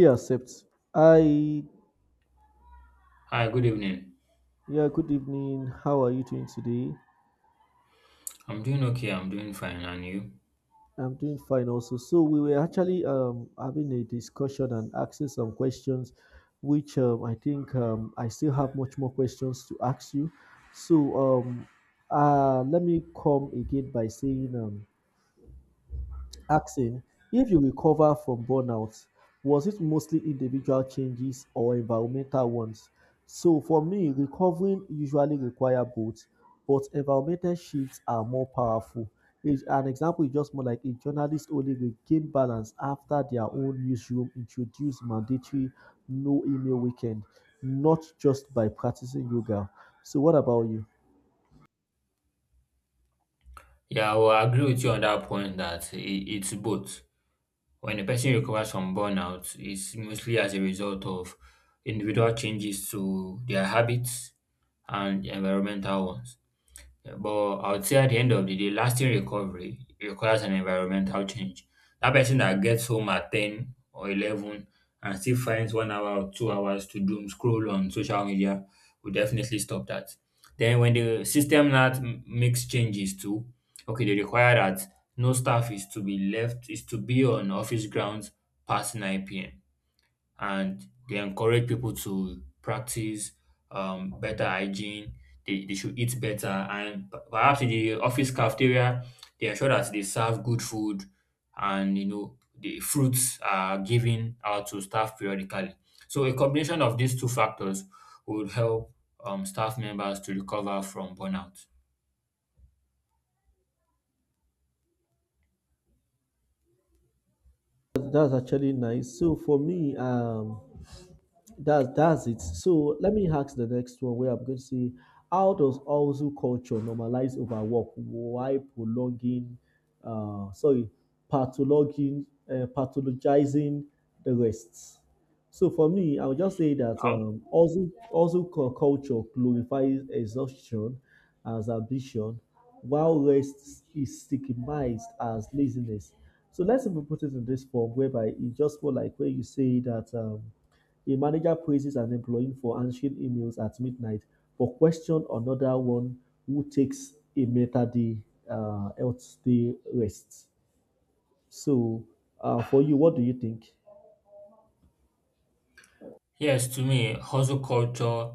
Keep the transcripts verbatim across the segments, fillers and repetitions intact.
He accepts. I Hi, good evening. Yeah, good evening. How are you doing today? I'm doing okay. I'm doing fine. And you? I'm doing fine also. So we were actually um having a discussion and asking some questions, which um, I think um, I still have much more questions to ask you. So um uh Let me come again by saying um asking if you recover from burnout, was it mostly individual changes or environmental ones? So for me, recovering usually require both, but environmental shifts are more powerful. Is- An example is just more like a journalist only regained balance after their own newsroom introduced mandatory no email weekend, not just by practicing yoga. So what about you? Yeah, well, I will agree with you on that point that i- it's both. When a person recovers from burnout, it's mostly as a result of individual changes to their habits and environmental ones. Yeah, but I would say at the end of the day, lasting recovery requires an environmental change. That person that gets home at ten or eleven and still finds one hour or two hours to doom scroll on social media will definitely stop that. Then, when the system that m- makes changes to, okay, they require that no staff is to be left, is to be on office grounds past nine p.m. and they encourage people to practice um, better hygiene. They, they should eat better, and p- perhaps in the office cafeteria, they ensure that they serve good food, and you know the fruits are given out to staff periodically. So a combination of these two factors would help um, staff members to recover from burnout. That's actually nice. So for me, um, That's that's it. So let me ask the next one where I'm going to say, how does also culture normalize overwork? Why prolonging, uh, sorry, pathologizing, uh, pathologizing the rest? So for me, I would just say that Um, um, also also cu- culture glorifies exhaustion as ambition, while rest is stigmatized as laziness. So let's even put it in this form whereby it's just more like where you say that. Um, a manager praises an employee for answering emails at midnight but question another one who takes a meta day uh, health day rest. So, uh, for you, what do you think? Yes, to me, hustle culture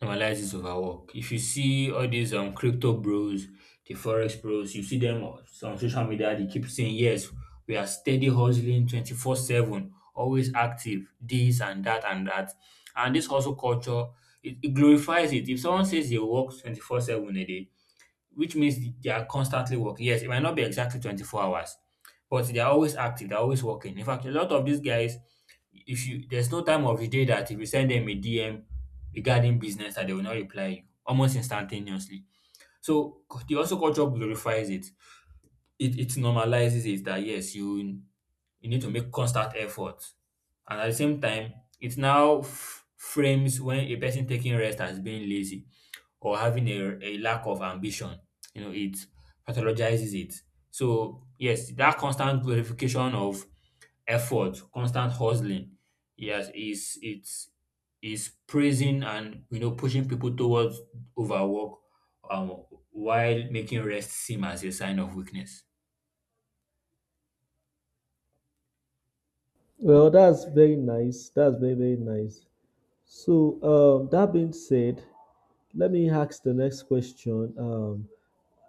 normalizes overwork. If you see all these um crypto bros, the forex bros, you see them on on social media, they keep saying, yes, we are steady hustling twenty four seven, always active, this and that and that. And this hustle culture, it, it glorifies it. If someone says they work twenty four seven a day, which means they are constantly working. Yes, it might not be exactly twenty four hours, but they are always active, they're always working. In fact, a lot of these guys, if you, there's no time of the day that if you send them a D M regarding business that they will not reply you almost instantaneously. So cu- the also culture glorifies it. It it normalizes it that yes, you you need to make constant effort. And at the same time, it now f- frames when a person taking rest as being lazy or having a, a lack of ambition. You know, it pathologizes it. So yes, that constant glorification of effort, constant hustling, yes, has is it's is praising and you know pushing people towards overwork, um, while making rest seem as a sign of weakness. Well, that's very nice. That's very, very nice. So, um, that being said, let me ask the next question. Um,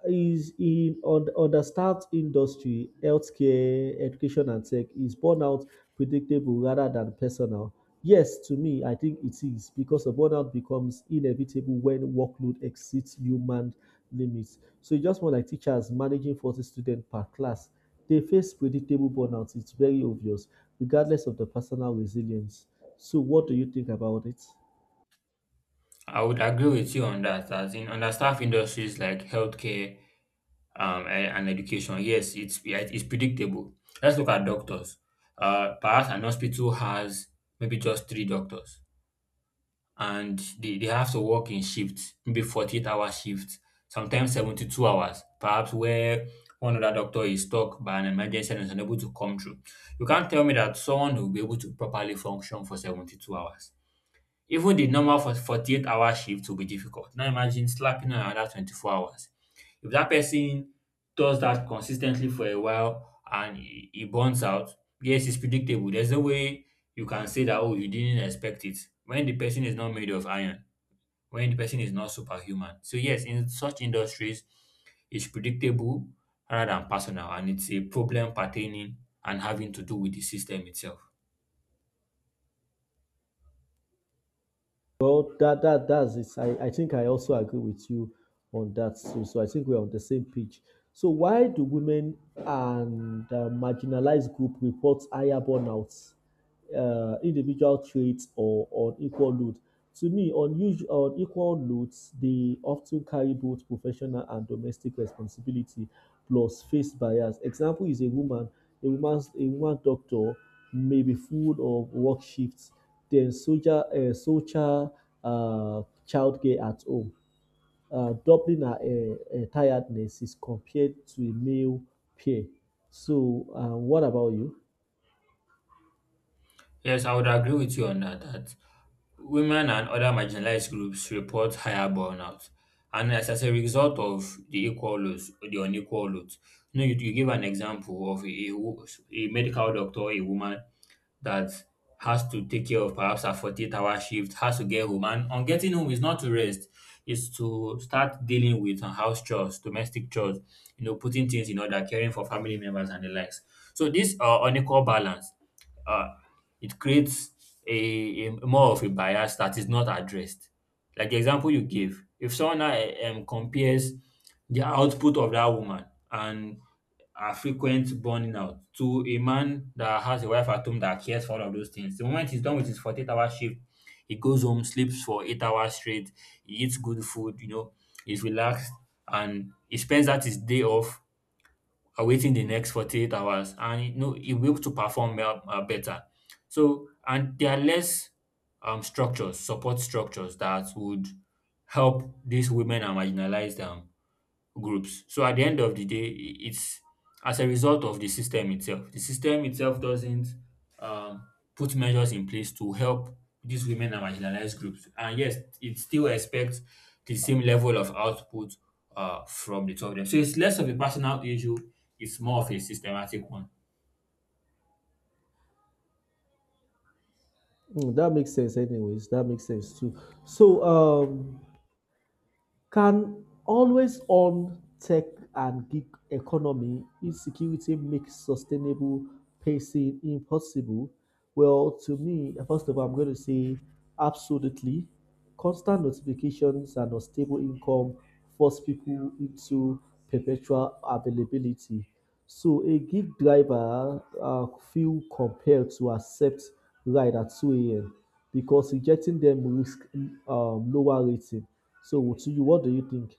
is in on understaffed industry, healthcare, education, and tech, is burnout predictable rather than personal? Yes, to me, I think it is because a burnout becomes inevitable when workload exceeds human limits. So you just want like teachers managing forty students per class, they face predictable burnout. It's very obvious, regardless of the personal resilience. So what do you think about it? I would agree with you on that. As in understaffed industries like healthcare um, e- and education, yes, it's yeah, it's predictable. Let's look at doctors. Uh, perhaps an hospital has maybe just three doctors and they, they have to work in shifts, maybe forty-eight hour shifts, sometimes seventy-two hours, perhaps where one other doctor is stuck by an emergency and is unable to come through. You can't tell me that someone will be able to properly function for seventy-two hours. Even the normal for forty-eight hour shift will be difficult. Now imagine slapping on another twenty-four hours. If that person does that consistently for a while and he e burns out, yes, it's predictable. There's no way you can say that, “Oh, you didn't expect it.” When the person is not made of iron, when the person is not superhuman. So yes, in such industries, it's predictable rather than personal and it's a problem pertaining and having to do with the system itself. Well, that that that's it. I, I think I also agree with you on that too. So I think we're on the same page. So why do women and uh, marginalized group report higher burnouts, uh, individual traits, or on equal load? To me, on usual on equal loads, they often carry both professional and domestic responsibility plus face bias. Example is a woman Nigeria's Nigerian doctor, may be full of work shifts, then soldier uh, soldier uh, childcare at home, uh, doubling her uh, uh, tiredness is compared to a male peer. So, uh, what about you? Yes, I would agree with you on that, that women and other marginalized groups report higher burnout. And as, as a result of the equal loads, the unequal loads, you know, you, you give an example of a, a wo- a medical doctor, a woman that has to take care of perhaps a forty-eight hour shift, has to get home. And on getting home is not to rest, is to start dealing with her house chores, domestic chores, you know, putting things in order, caring for family members and the likes. So this uh, unequal balance, uh, it creates a, a more of a bias that is not addressed. Like the example you gave, if someone now eh, um, compares the output of that woman and her frequent burning out to a man that has a wife at home that cares for all of those things, the moment he's done with his forty-eight hour shift, he goes home, sleeps for eight hours straight, he eats good food, you know, he's relaxed, and he spends that his day off uh, within the next forty-eight hours and you know it will to perform well, uh, better. So and there are less um structures, support structures that would help these women and marginalized um groups. So at the end of the day, i- it's as a result of the system itself. The system itself doesn't um, put measures in place to help these women and marginalized groups. And yes, it still expects the same level of output uh, from the two of them. So it's less of a personal issue, it's more of a systematic one. Mm, that makes sense, anyways. That makes sense too. So, um, can always on tech and gig economy insecurity make sustainable pacing impossible? Well, to me, first of all, I'm going to say absolutely. Constant notifications and unstable income force people into perpetual availability. So a gig driver uh, feel compelled to accept ride at two a m because rejecting them risk um, lower rating. So to you, what do you think?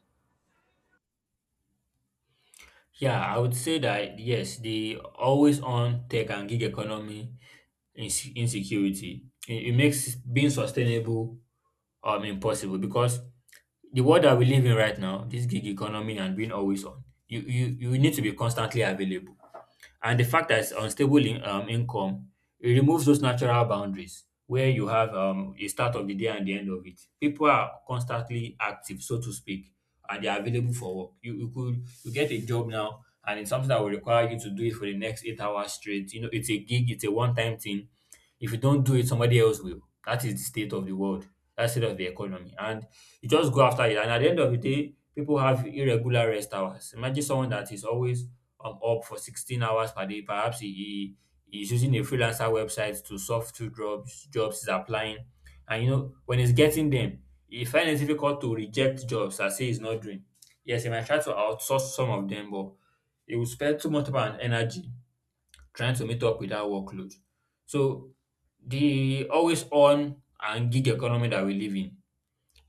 Yeah, I would say that yes, the always on tech and gig economy inse- insecurity, It, it makes being sustainable um impossible because the world that we live in right now, this gig economy and being always on, you you you need to be constantly available. And the fact that it's unstable in, um, income, it removes those natural boundaries where you have um, a start of the day and the end of it. People are constantly active, so to speak, and they are available for work. You, you could, you get a job now, and it's something that will require you to do it for the next eight hours straight. You know, it's a gig, it's a one time thing. If you don't do it, somebody else will. That is the state of the world. That's the state of the economy. And you just go after it. And at the end of the day, people have irregular rest hours. Imagine someone that is always um, up for sixteen hours per day. Perhaps he, he is using a freelancer website to soft two jobs, jobs he's applying. And you know, when he's getting them, he finds it difficult to reject jobs and say he's not doing. Yes, he might try to outsource some of them, but he will spend too much time and energy trying to meet up with that workload. So the always on and gig economy that we live in,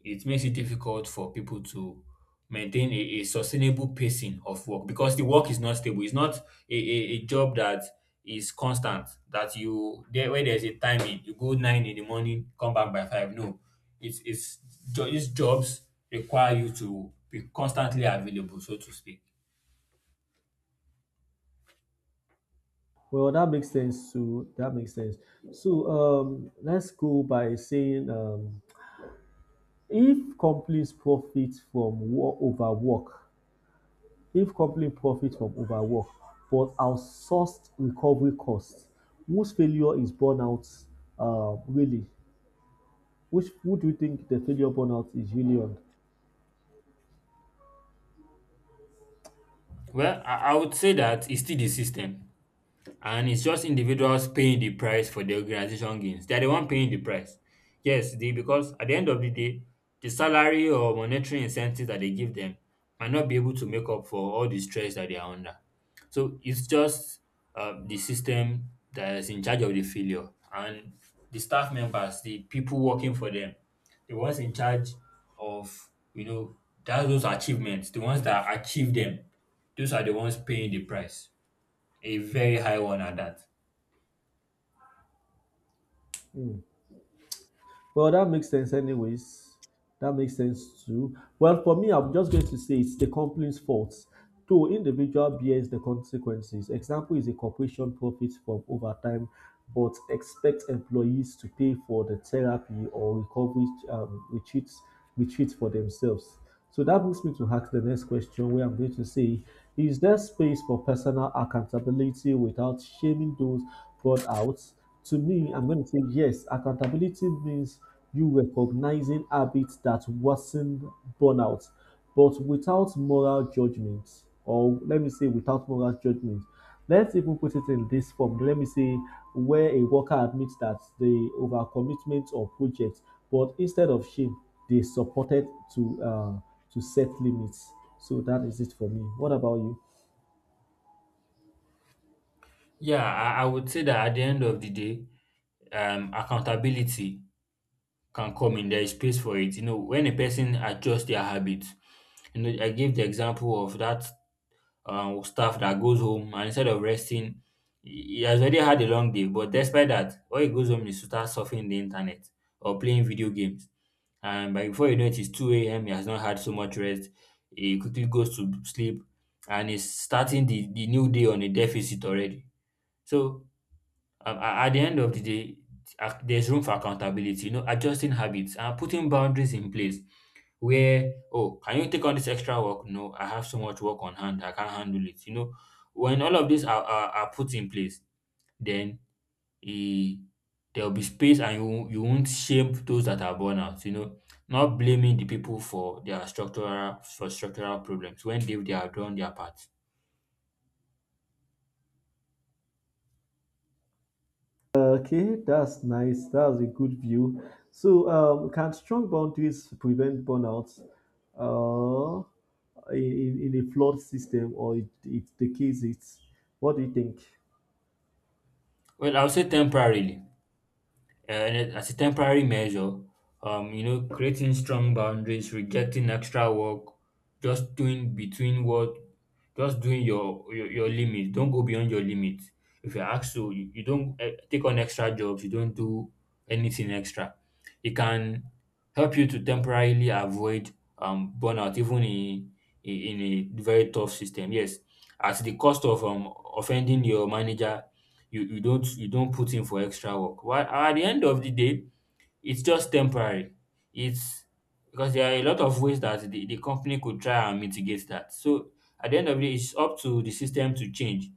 it makes it difficult for people to maintain a, a sustainable pacing of work because the work is not stable. It's not a, a, a job that is constant that you there where there's a timing, you go nine in the morning, come back by five. No. It's it's jo- these jobs require you to be constantly available, so to speak. Well, that makes sense too. That makes sense. So um, let's go by saying um, if companies profit from wo- overwork, if companies profit from overwork, but outsourced recovery costs, whose failure is burnout? Um, really? Which would we think the failure burnout is really on? Well, I, I would say that it's still the system, and it's just individuals paying the price for the organization gains. They're the one paying the price. Yes, they, because at the end of the day, the salary or monetary incentives that they give them might not be able to make up for all the stress that they are under. So it's just uh, the system that is in charge of the failure, and the staff members, the people working for them, the ones in charge of you know that those achievements, the ones that achieve them, those are the ones paying the price. A very high one at that. Well, that makes sense, anyways. That makes sense too. Well, for me, I'm just going to say it's the company's fault. Though individual bears the consequences. Example is a corporation profits from overtime, but expect employees to pay for the therapy or recovery um, retreats retreats for themselves. So that brings me to ask the next question where I'm going to say, is there space for personal accountability without shaming those burned out? To me, I'm going to say yes. Accountability means you recognizing habits that worsen burnout, but without moral judgment, or let me say without moral judgment. Let's even put it in this form. Let me see where a worker admits that the overcommitment of projects, but instead of shame, they supported to uh, to set limits. So that is it for me. What about you? Yeah, I, I would say that at the end of the day, um, accountability can come in. There is space for it. You know, when a person adjusts their habits, you know, I gave the example of that um, staff that goes home and instead of resting, he he has already had a long day. But despite that, when he goes home, is to start surfing the internet or playing video games. And by before you know it, it's two a m. He has not had so much rest. He quickly goes to sleep and is starting the, the new day on a deficit already. So um, a- at the end of the day, ac- there's room for accountability, you know, adjusting habits and putting boundaries in place where, oh, can you take on this extra work? No, I have so much work on hand, I can't handle it. You know, when all of these are, are, are put in place, then eh, there'll be space and you, won't- you won't shame those that are born out, you know, not blaming the people for their structural for structural problems when they, they have done their part. Okay, that's nice. That's a good view. So, um, can strong boundaries prevent burnout? Uh, in, in a flawed system, or it, it the it. What do you think? Well, I'll say temporarily, uh, and it- as a temporary measure, um, you know, creating strong boundaries, rejecting extra work, just doing between what, just doing your your, your limit. Don't go beyond your limit. If you're asked to, you, you don't eh, take on extra jobs. You don't do anything extra. It can help you to temporarily avoid um burnout, even in in in a very tough system. Yes, at the cost of um offending your manager, you you don't, you don't put in for extra work. While at the end of the day, it's just temporary. It's because there are a lot of ways that the, the company could try and mitigate that. So at the end of the day, it's up to the system to change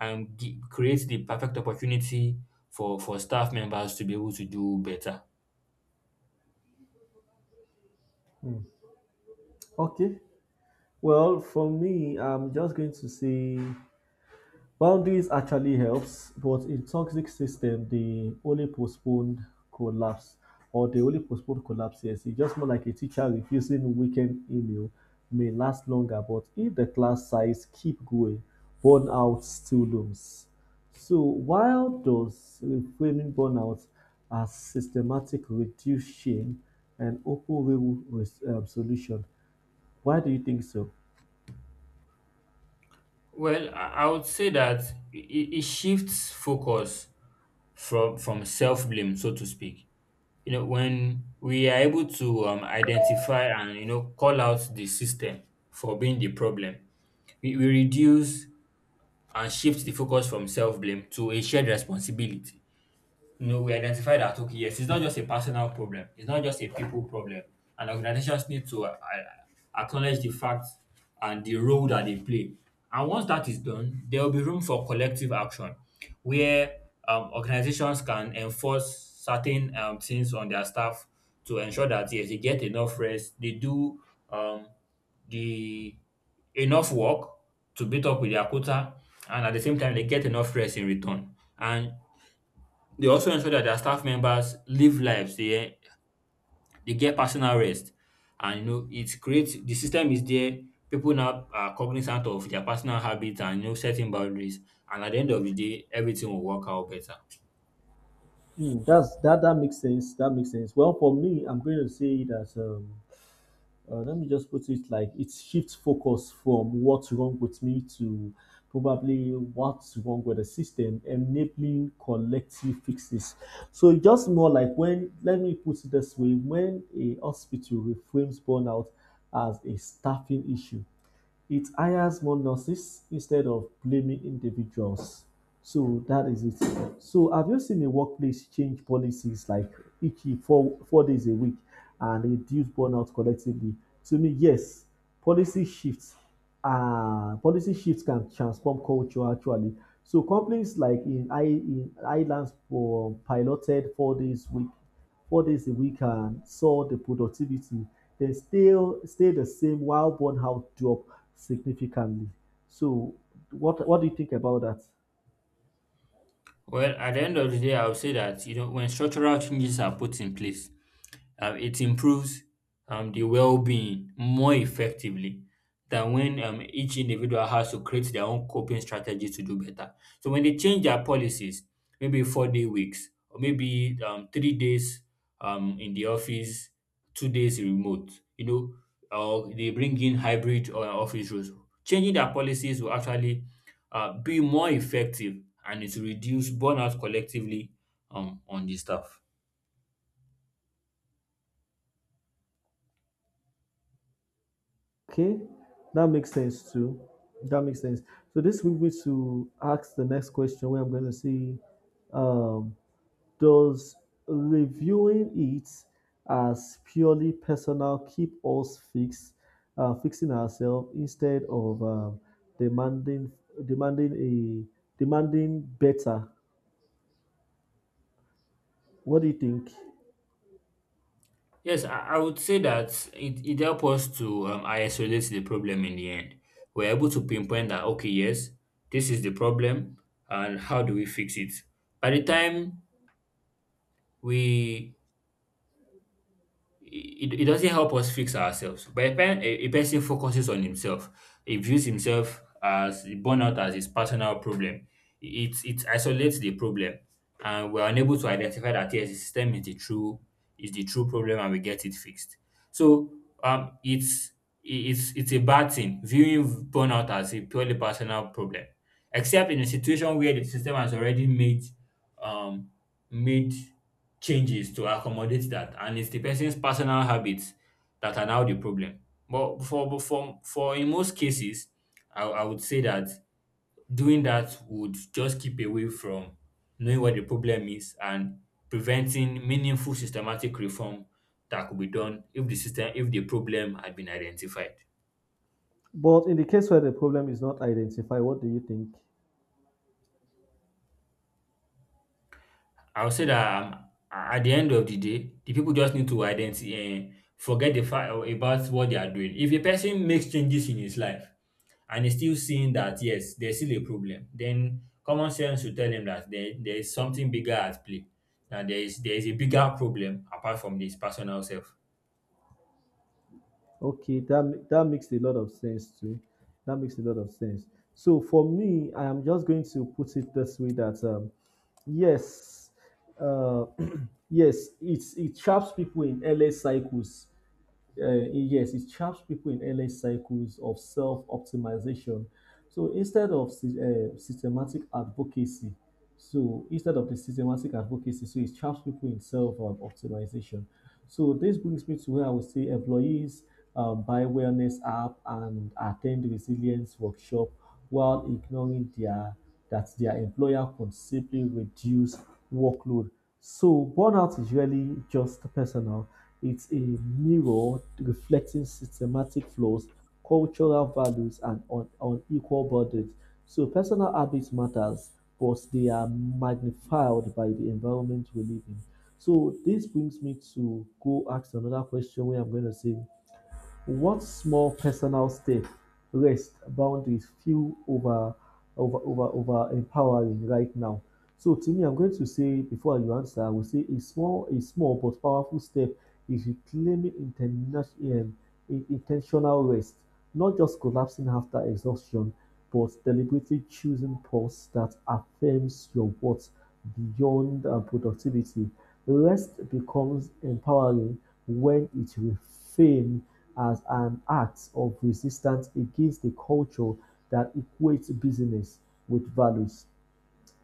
and gi- create the perfect opportunity for, for staff members to be able to do better. Okay. Well, for me, I'm just going to say boundaries actually helps, but in toxic system, they only postponed collapse, or they only postponed collapse. Yes, it's just more like a teacher refusing weekend email may last longer, but if the class size keep going, burnout still looms. So while does reframing burnout as systematic reduce shame and open real res- um, solution? Why do you think so? Well, I I would say that it, it shifts focus from, from self blame, so to speak. You know, when we are able to um, identify and, you know, call out the system for being the problem, we, we reduce and shift the focus from self-blame to a shared responsibility. No, we identify that, okay, yes, it's not just a personal problem. It's not just a people problem, and organizations need to uh, uh, acknowledge the fact and the role that they play. And once that is done, there will be room for collective action, where um, organizations can enforce certain um, things on their staff to ensure that, yes, they get enough rest, they do um, the enough work to beat up with their quota, and at the same time, they get enough rest in return. And they also ensure that their staff members live lives they eh, they get personal rest, and, you know, it creates, the system is there. People now are cognizant of their personal habits and, you know, setting boundaries, and at the end of the day everything will work out better. Mm, that's that that makes sense. That makes sense. Well, for me, I'm going to say that um, uh, let me just put it like it shifts focus from what's wrong with me to probably what's wrong with the system, enabling collective fixes. So it's just more like when let me put it this way: when a hospital reframes burnout as a staffing issue, it hires more nurses instead of blaming individuals. So that is it. So have you seen a workplace change policies like each four, four days a week and reduce burnout collectively? To me, yes, policy shifts. Uh, policy shifts can transform culture actually. So companies like in, I, in Ireland for piloted four days week four days a week and saw the productivity, they still stay the same while burnout dropped significantly. So what what do you think about that? Well, at the end of the day, I would say that, you know, when structural changes are put in place, um, it improves um, the well-being more effectively than when um, each individual has to create their own coping strategy to do better. So when they change their policies, maybe four-day weeks, or maybe um, three days um, in the office, two days remote, you know, or they bring in hybrid or office rules. Changing their policies will actually uh, be more effective, and it will reduce burnout collectively um, on the staff. Okay, that makes sense too. That makes sense. So this brings me to ask the next question where I'm going to say, um, does reviewing it as purely personal keep us fixed, uh, fixing ourselves instead of um, demanding demanding a demanding better? What do you think? Yes, I, I would say that it, it helps us to um, isolate the problem in the end. We're able to pinpoint that, okay, yes, this is the problem, and how do we fix it? By the time we, it, it doesn't help us fix ourselves. But a, pen, a, a person focuses on himself. He views himself as burnout as his personal problem. It, it isolates the problem, and we're unable to identify that, yes, the system is the true is the true problem, and we get it fixed. So um, it's it's it's a bad thing viewing burnout as a purely personal problem, except in a situation where the system has already made um made changes to accommodate that, and it's the person's personal habits that are now the problem. But for but for for in most cases, I, I would say that doing that would just keep away from knowing what the problem is, and preventing meaningful systematic reform that could be done if the system if the problem had been identified. But in the case where the problem is not identified, what do you think? I would say that, um, at the end of the day, the people just need to identify, and forget the fact about what they are doing. If a person makes changes in his life and is still seeing that, yes, there's still a problem, then common sense will tell him that there, there is something bigger at play. That there is there is a bigger problem apart from his personal self. Okay, that that makes a lot of sense too. That makes a lot of sense. So for me, I am just going to put it this way that um, yes, uh, yes, it's it traps people in endless cycles uh, yes, it traps people in early cycles of self optimization. So instead of sy- uh, systematic advocacy, so instead of the systematic advocacy, so it traps people in self um, optimization. So this brings me to where I would say employees um, buy wellness app and attend resilience workshop while ignoring their that their employer can simply reduce workload. So burnout is really just personal, it's a mirror reflecting systematic flaws, cultural values, and un- unequal burdens. So personal habits matters, but they are magnified by the environment we live in. So this brings me to go ask another question where I'm going to say what small personal step rests boundaries feel over over over over empowering right now. So to me, I'm going to say before you answer, I will say a small a small but powerful step is reclaiming international um, intentional rest, not just collapsing after exhaustion, but deliberately choosing pause that affirms your worth beyond uh, productivity. Rest becomes empowering when it reframes as an act of resistance against a culture that equates business with values.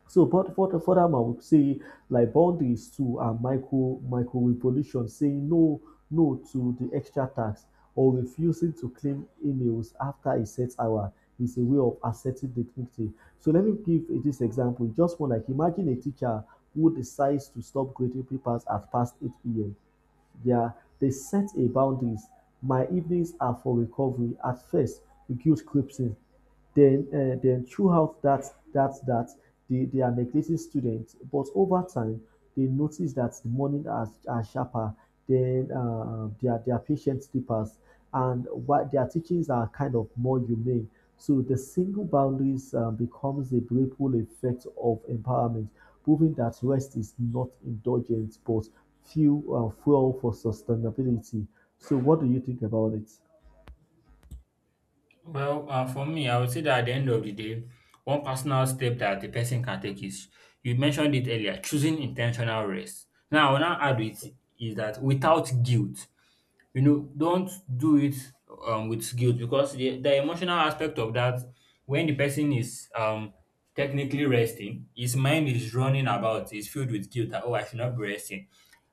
So, but for the furthermore, we say like boundaries to a micro micro revolution, saying no no to the extra tax or refusing to claim emails after a set hour is a way of asserting dignity. So let me give uh, this example. Just one, like imagine a teacher who decides to stop grading papers at past eight p m. Yeah, they set a boundaries. My evenings are for recovery. At first, the guilt creeps in. Then, uh, then throughout that, that, that, they, they are neglecting students. But over time, they notice that the morning are, are sharper. Then uh, their their patient deepers, and what their teachings are kind of more humane. So the single boundaries uh, becomes a ripple effect of empowerment, proving that rest is not indulgent, but fuel, uh, fuel for sustainability. So, what do you think about it? Well, uh, for me, I would say that at the end of the day, one personal step that the person can take is, you mentioned it earlier, choosing intentional rest. Now, what I add with is that without guilt. You know, don't do it um, with guilt, because the, the emotional aspect of that, when the person is um, technically resting, his mind is running about, is filled with guilt that, oh, I should not be resting,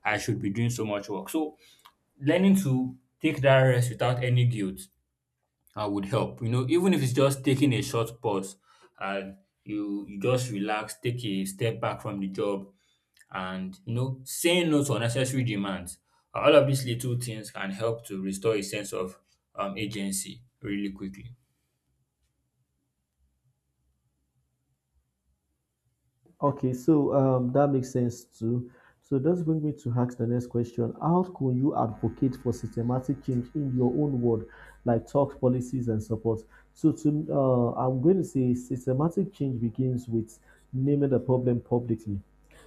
I should be doing so much work. So, learning to take that rest without any guilt uh, would help. You know, even if it's just taking a short pause and you you just relax, take a step back from the job, and, you know, saying no to unnecessary demands. Uh, All of these little things can help to restore a sense of um, agency really quickly. Okay, so um, that makes sense too. So does bring me to ask the next question. How can you advocate for systematic change in your own word, like talks, policies, and support? So to uh, I'm going to say systematic change begins with naming the problem publicly.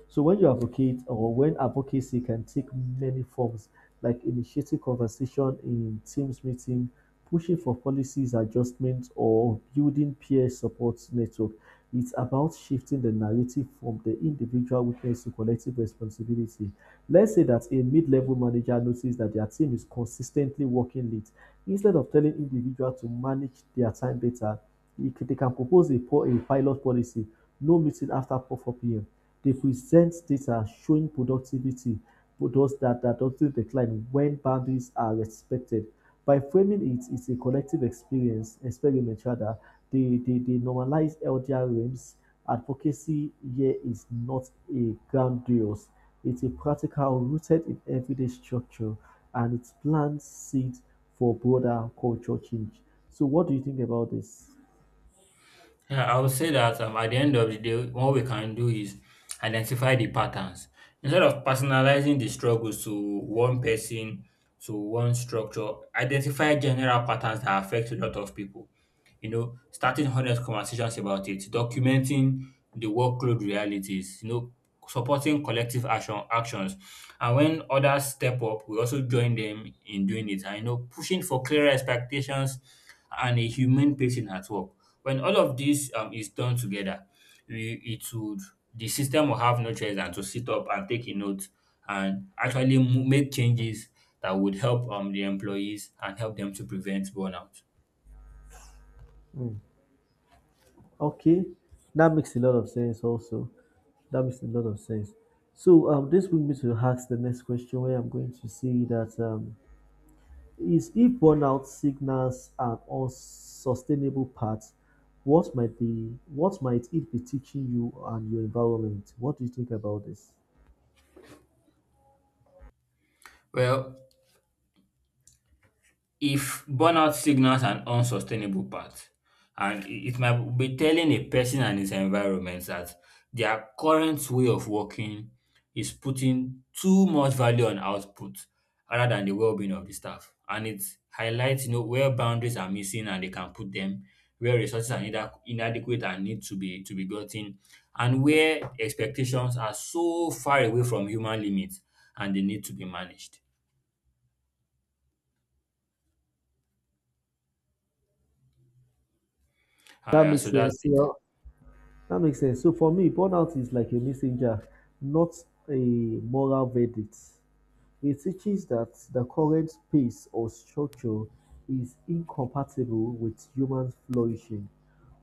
So when you advocate or when advocacy can take many forms, like initiating conversation in teams meeting, pushing for policies adjustment, or building peer support network. It's about shifting the narrative from the individual weakness to collective responsibility. Let's say that a mid-level manager notices that their team is consistently working late. Instead of telling individuals to manage their time better, they can propose a, a pilot policy, no meeting after four p m. They present data showing productivity, but those that, that doesn't decline when boundaries are respected. By framing it, it's a collective experience, experiment rather, the, the, the normalized elder realms advocacy here is not a grandiose, it's a practical rooted in everyday structure and it plants seeds for broader cultural change. So, what do you think about this? Yeah, I would say that, um, at the end of the day, what we can do is identify the patterns. Instead of personalizing the struggles to one person, to one structure, identify general patterns that affect a lot of people. You know, starting honest conversations about it, documenting the workload realities, you know, supporting collective action actions. And when others step up, we also join them in doing it. And, you know, pushing for clearer expectations and a humane pacing at work. When all of this um, is done together, we it would, the system will have no choice than to sit up and take a note, and actually mo- make changes that would help um, the employees and help them to prevent burnout. Mm. Okay, that makes a lot of sense, also. That makes a lot of sense. So, um, this brings me to ask the next question where I'm going to say that. Um, is if burnout signals an unsustainable path, what might be what might it be teaching you and your environment? What do you think about this? Well, if burnout signals an unsustainable path, and it it might be telling a person and his environment that their current way of working is putting too much value on output rather than the well-being of the staff. And it highlights, you know, where boundaries are missing and they can put them, where resources are inadequ- inadequate and need to be to be gotten, and where expectations are so far away from human limits and they need to be managed. uh, That Yeah, makes so that's sense. it. Yeah, that makes sense. So for me, burnout is like a messenger, not a moral verdict. It teaches that the current pace or structure is incompatible with human flourishing.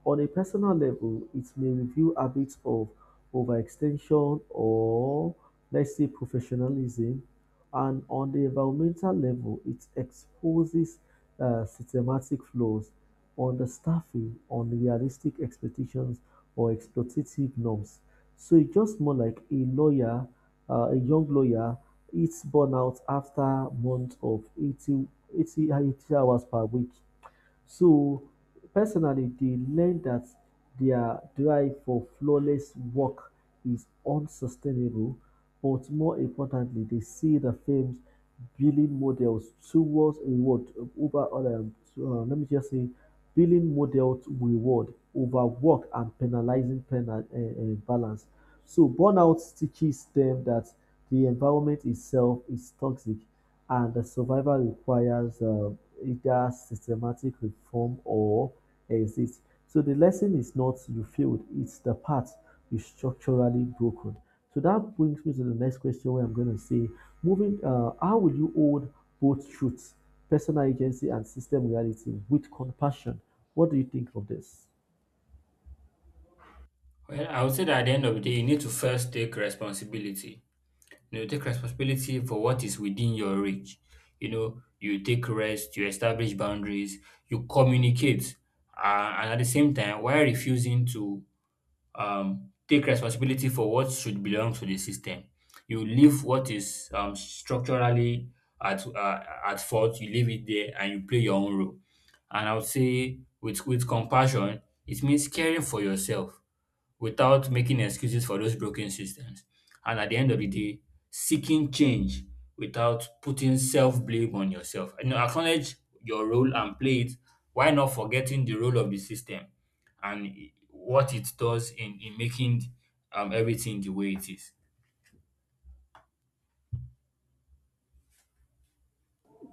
On a personal level, it may reveal habits of overextension or, let's say, professionalism. And on the environmental level, it exposes uh, systematic flaws on the staffing, on realistic expectations or exploitative norms. So it's just more like a lawyer, uh, a young lawyer, it's burnout after months of eighty, eighty, eighty hours per week, so personally they learn that their drive for flawless work is unsustainable, but more importantly, they see the film's billing models towards reward over other. Uh, let me just say billing models reward over work and penalizing penal uh, uh, balance. So burnout teaches them that the environment itself is toxic, and the survival requires um, either systematic reform or exit. So the lesson is not you failed; it's the path you structurally broken. So that brings me to the next question, where I'm going to say, moving, uh, how will you hold both truths, personal agency, and system reality with compassion? What do you think of this? Well, I would say that at the end of the day, you need to first take responsibility. You know, take responsibility for what is within your reach. You know, you take rest, you establish boundaries, you communicate, uh, and at the same time, while refusing to um, take responsibility for what should belong to the system, you leave what is um, structurally at uh, at fault. You leave it there, and you play your own role. And I would say, with with compassion, it means caring for yourself without making excuses for those broken systems. And at the end of the day, seeking change without putting self blame on yourself. You know, acknowledge your role and play it. Why not forgetting the role of the system and i- what it does in, in making um, everything the way it is?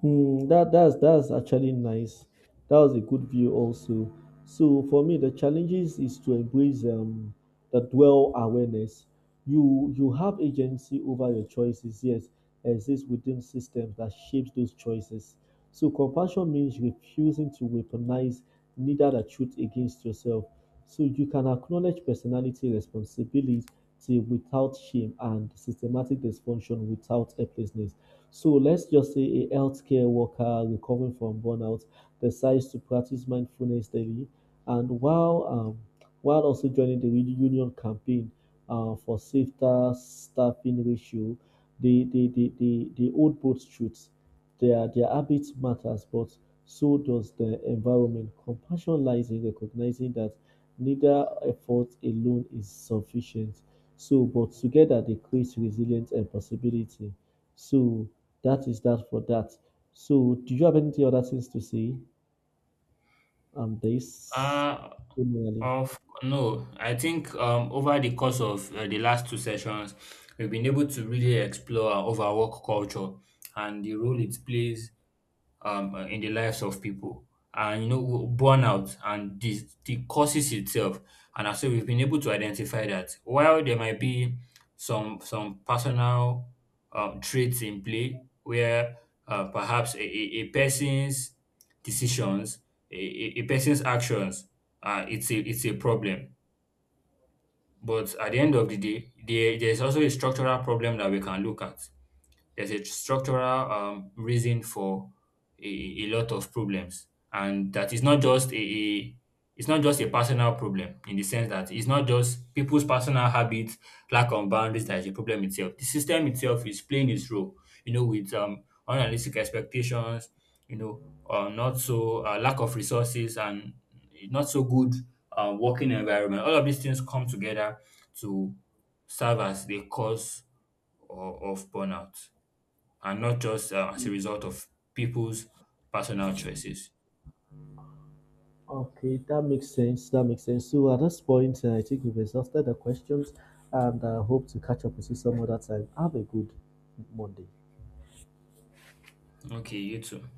Mm, that that's that's actually nice. That was a good view also. So for me, the challenges is to embrace um, the dwell awareness. You you have agency over your choices. Yes, exists within systems that shapes those choices. So compassion means refusing to weaponize neither the truth against yourself. So you can acknowledge personality responsibility without shame and systematic dysfunction without helplessness. So let's just say a healthcare worker recovering from burnout decides to practice mindfulness daily, and while um, while also joining the union campaign uh, for safer staffing ratio, they they, they, they, they hold both truths. Their their habits matters, but so does the environment. Compassion lies in recognizing that neither effort alone is sufficient. So, but together they create resilience and possibility. So, that is that for that. So, do you have any other things to say on this? Uh, Similarly, of No, I think, um, over the course of uh, the last two sessions, we've been able to really explore our overwork culture and the role it plays um, uh, in the lives of people. And, you know, w- burnout and the, the causes itself. And also, we've been able to identify that while there might be some some personal um, traits in play, where uh, perhaps a, a, a person's decisions, a, a a person's actions, uh, it's a it's a problem. But at the end of the day, there, there's also a structural problem that we can look at. There's a structural um, reason for a, a lot of problems, and that is not just a, a it's not just a personal problem, in the sense that it's not just people's personal habits, lack of boundaries, that is a problem itself. The system itself is playing its role, you know, with um unrealistic expectations, you know, uh, not so uh, lack of resources, and not so good uh, working environment. All of these things come together to serve as the cause of, of burnout, and not just uh, as a result of people's personal choices. okay, that makes sense. That makes sense. So, at this point, uh, I think we've exhausted the questions, and I hope to catch up with you some other time. Have a good Monday. Okay, you too.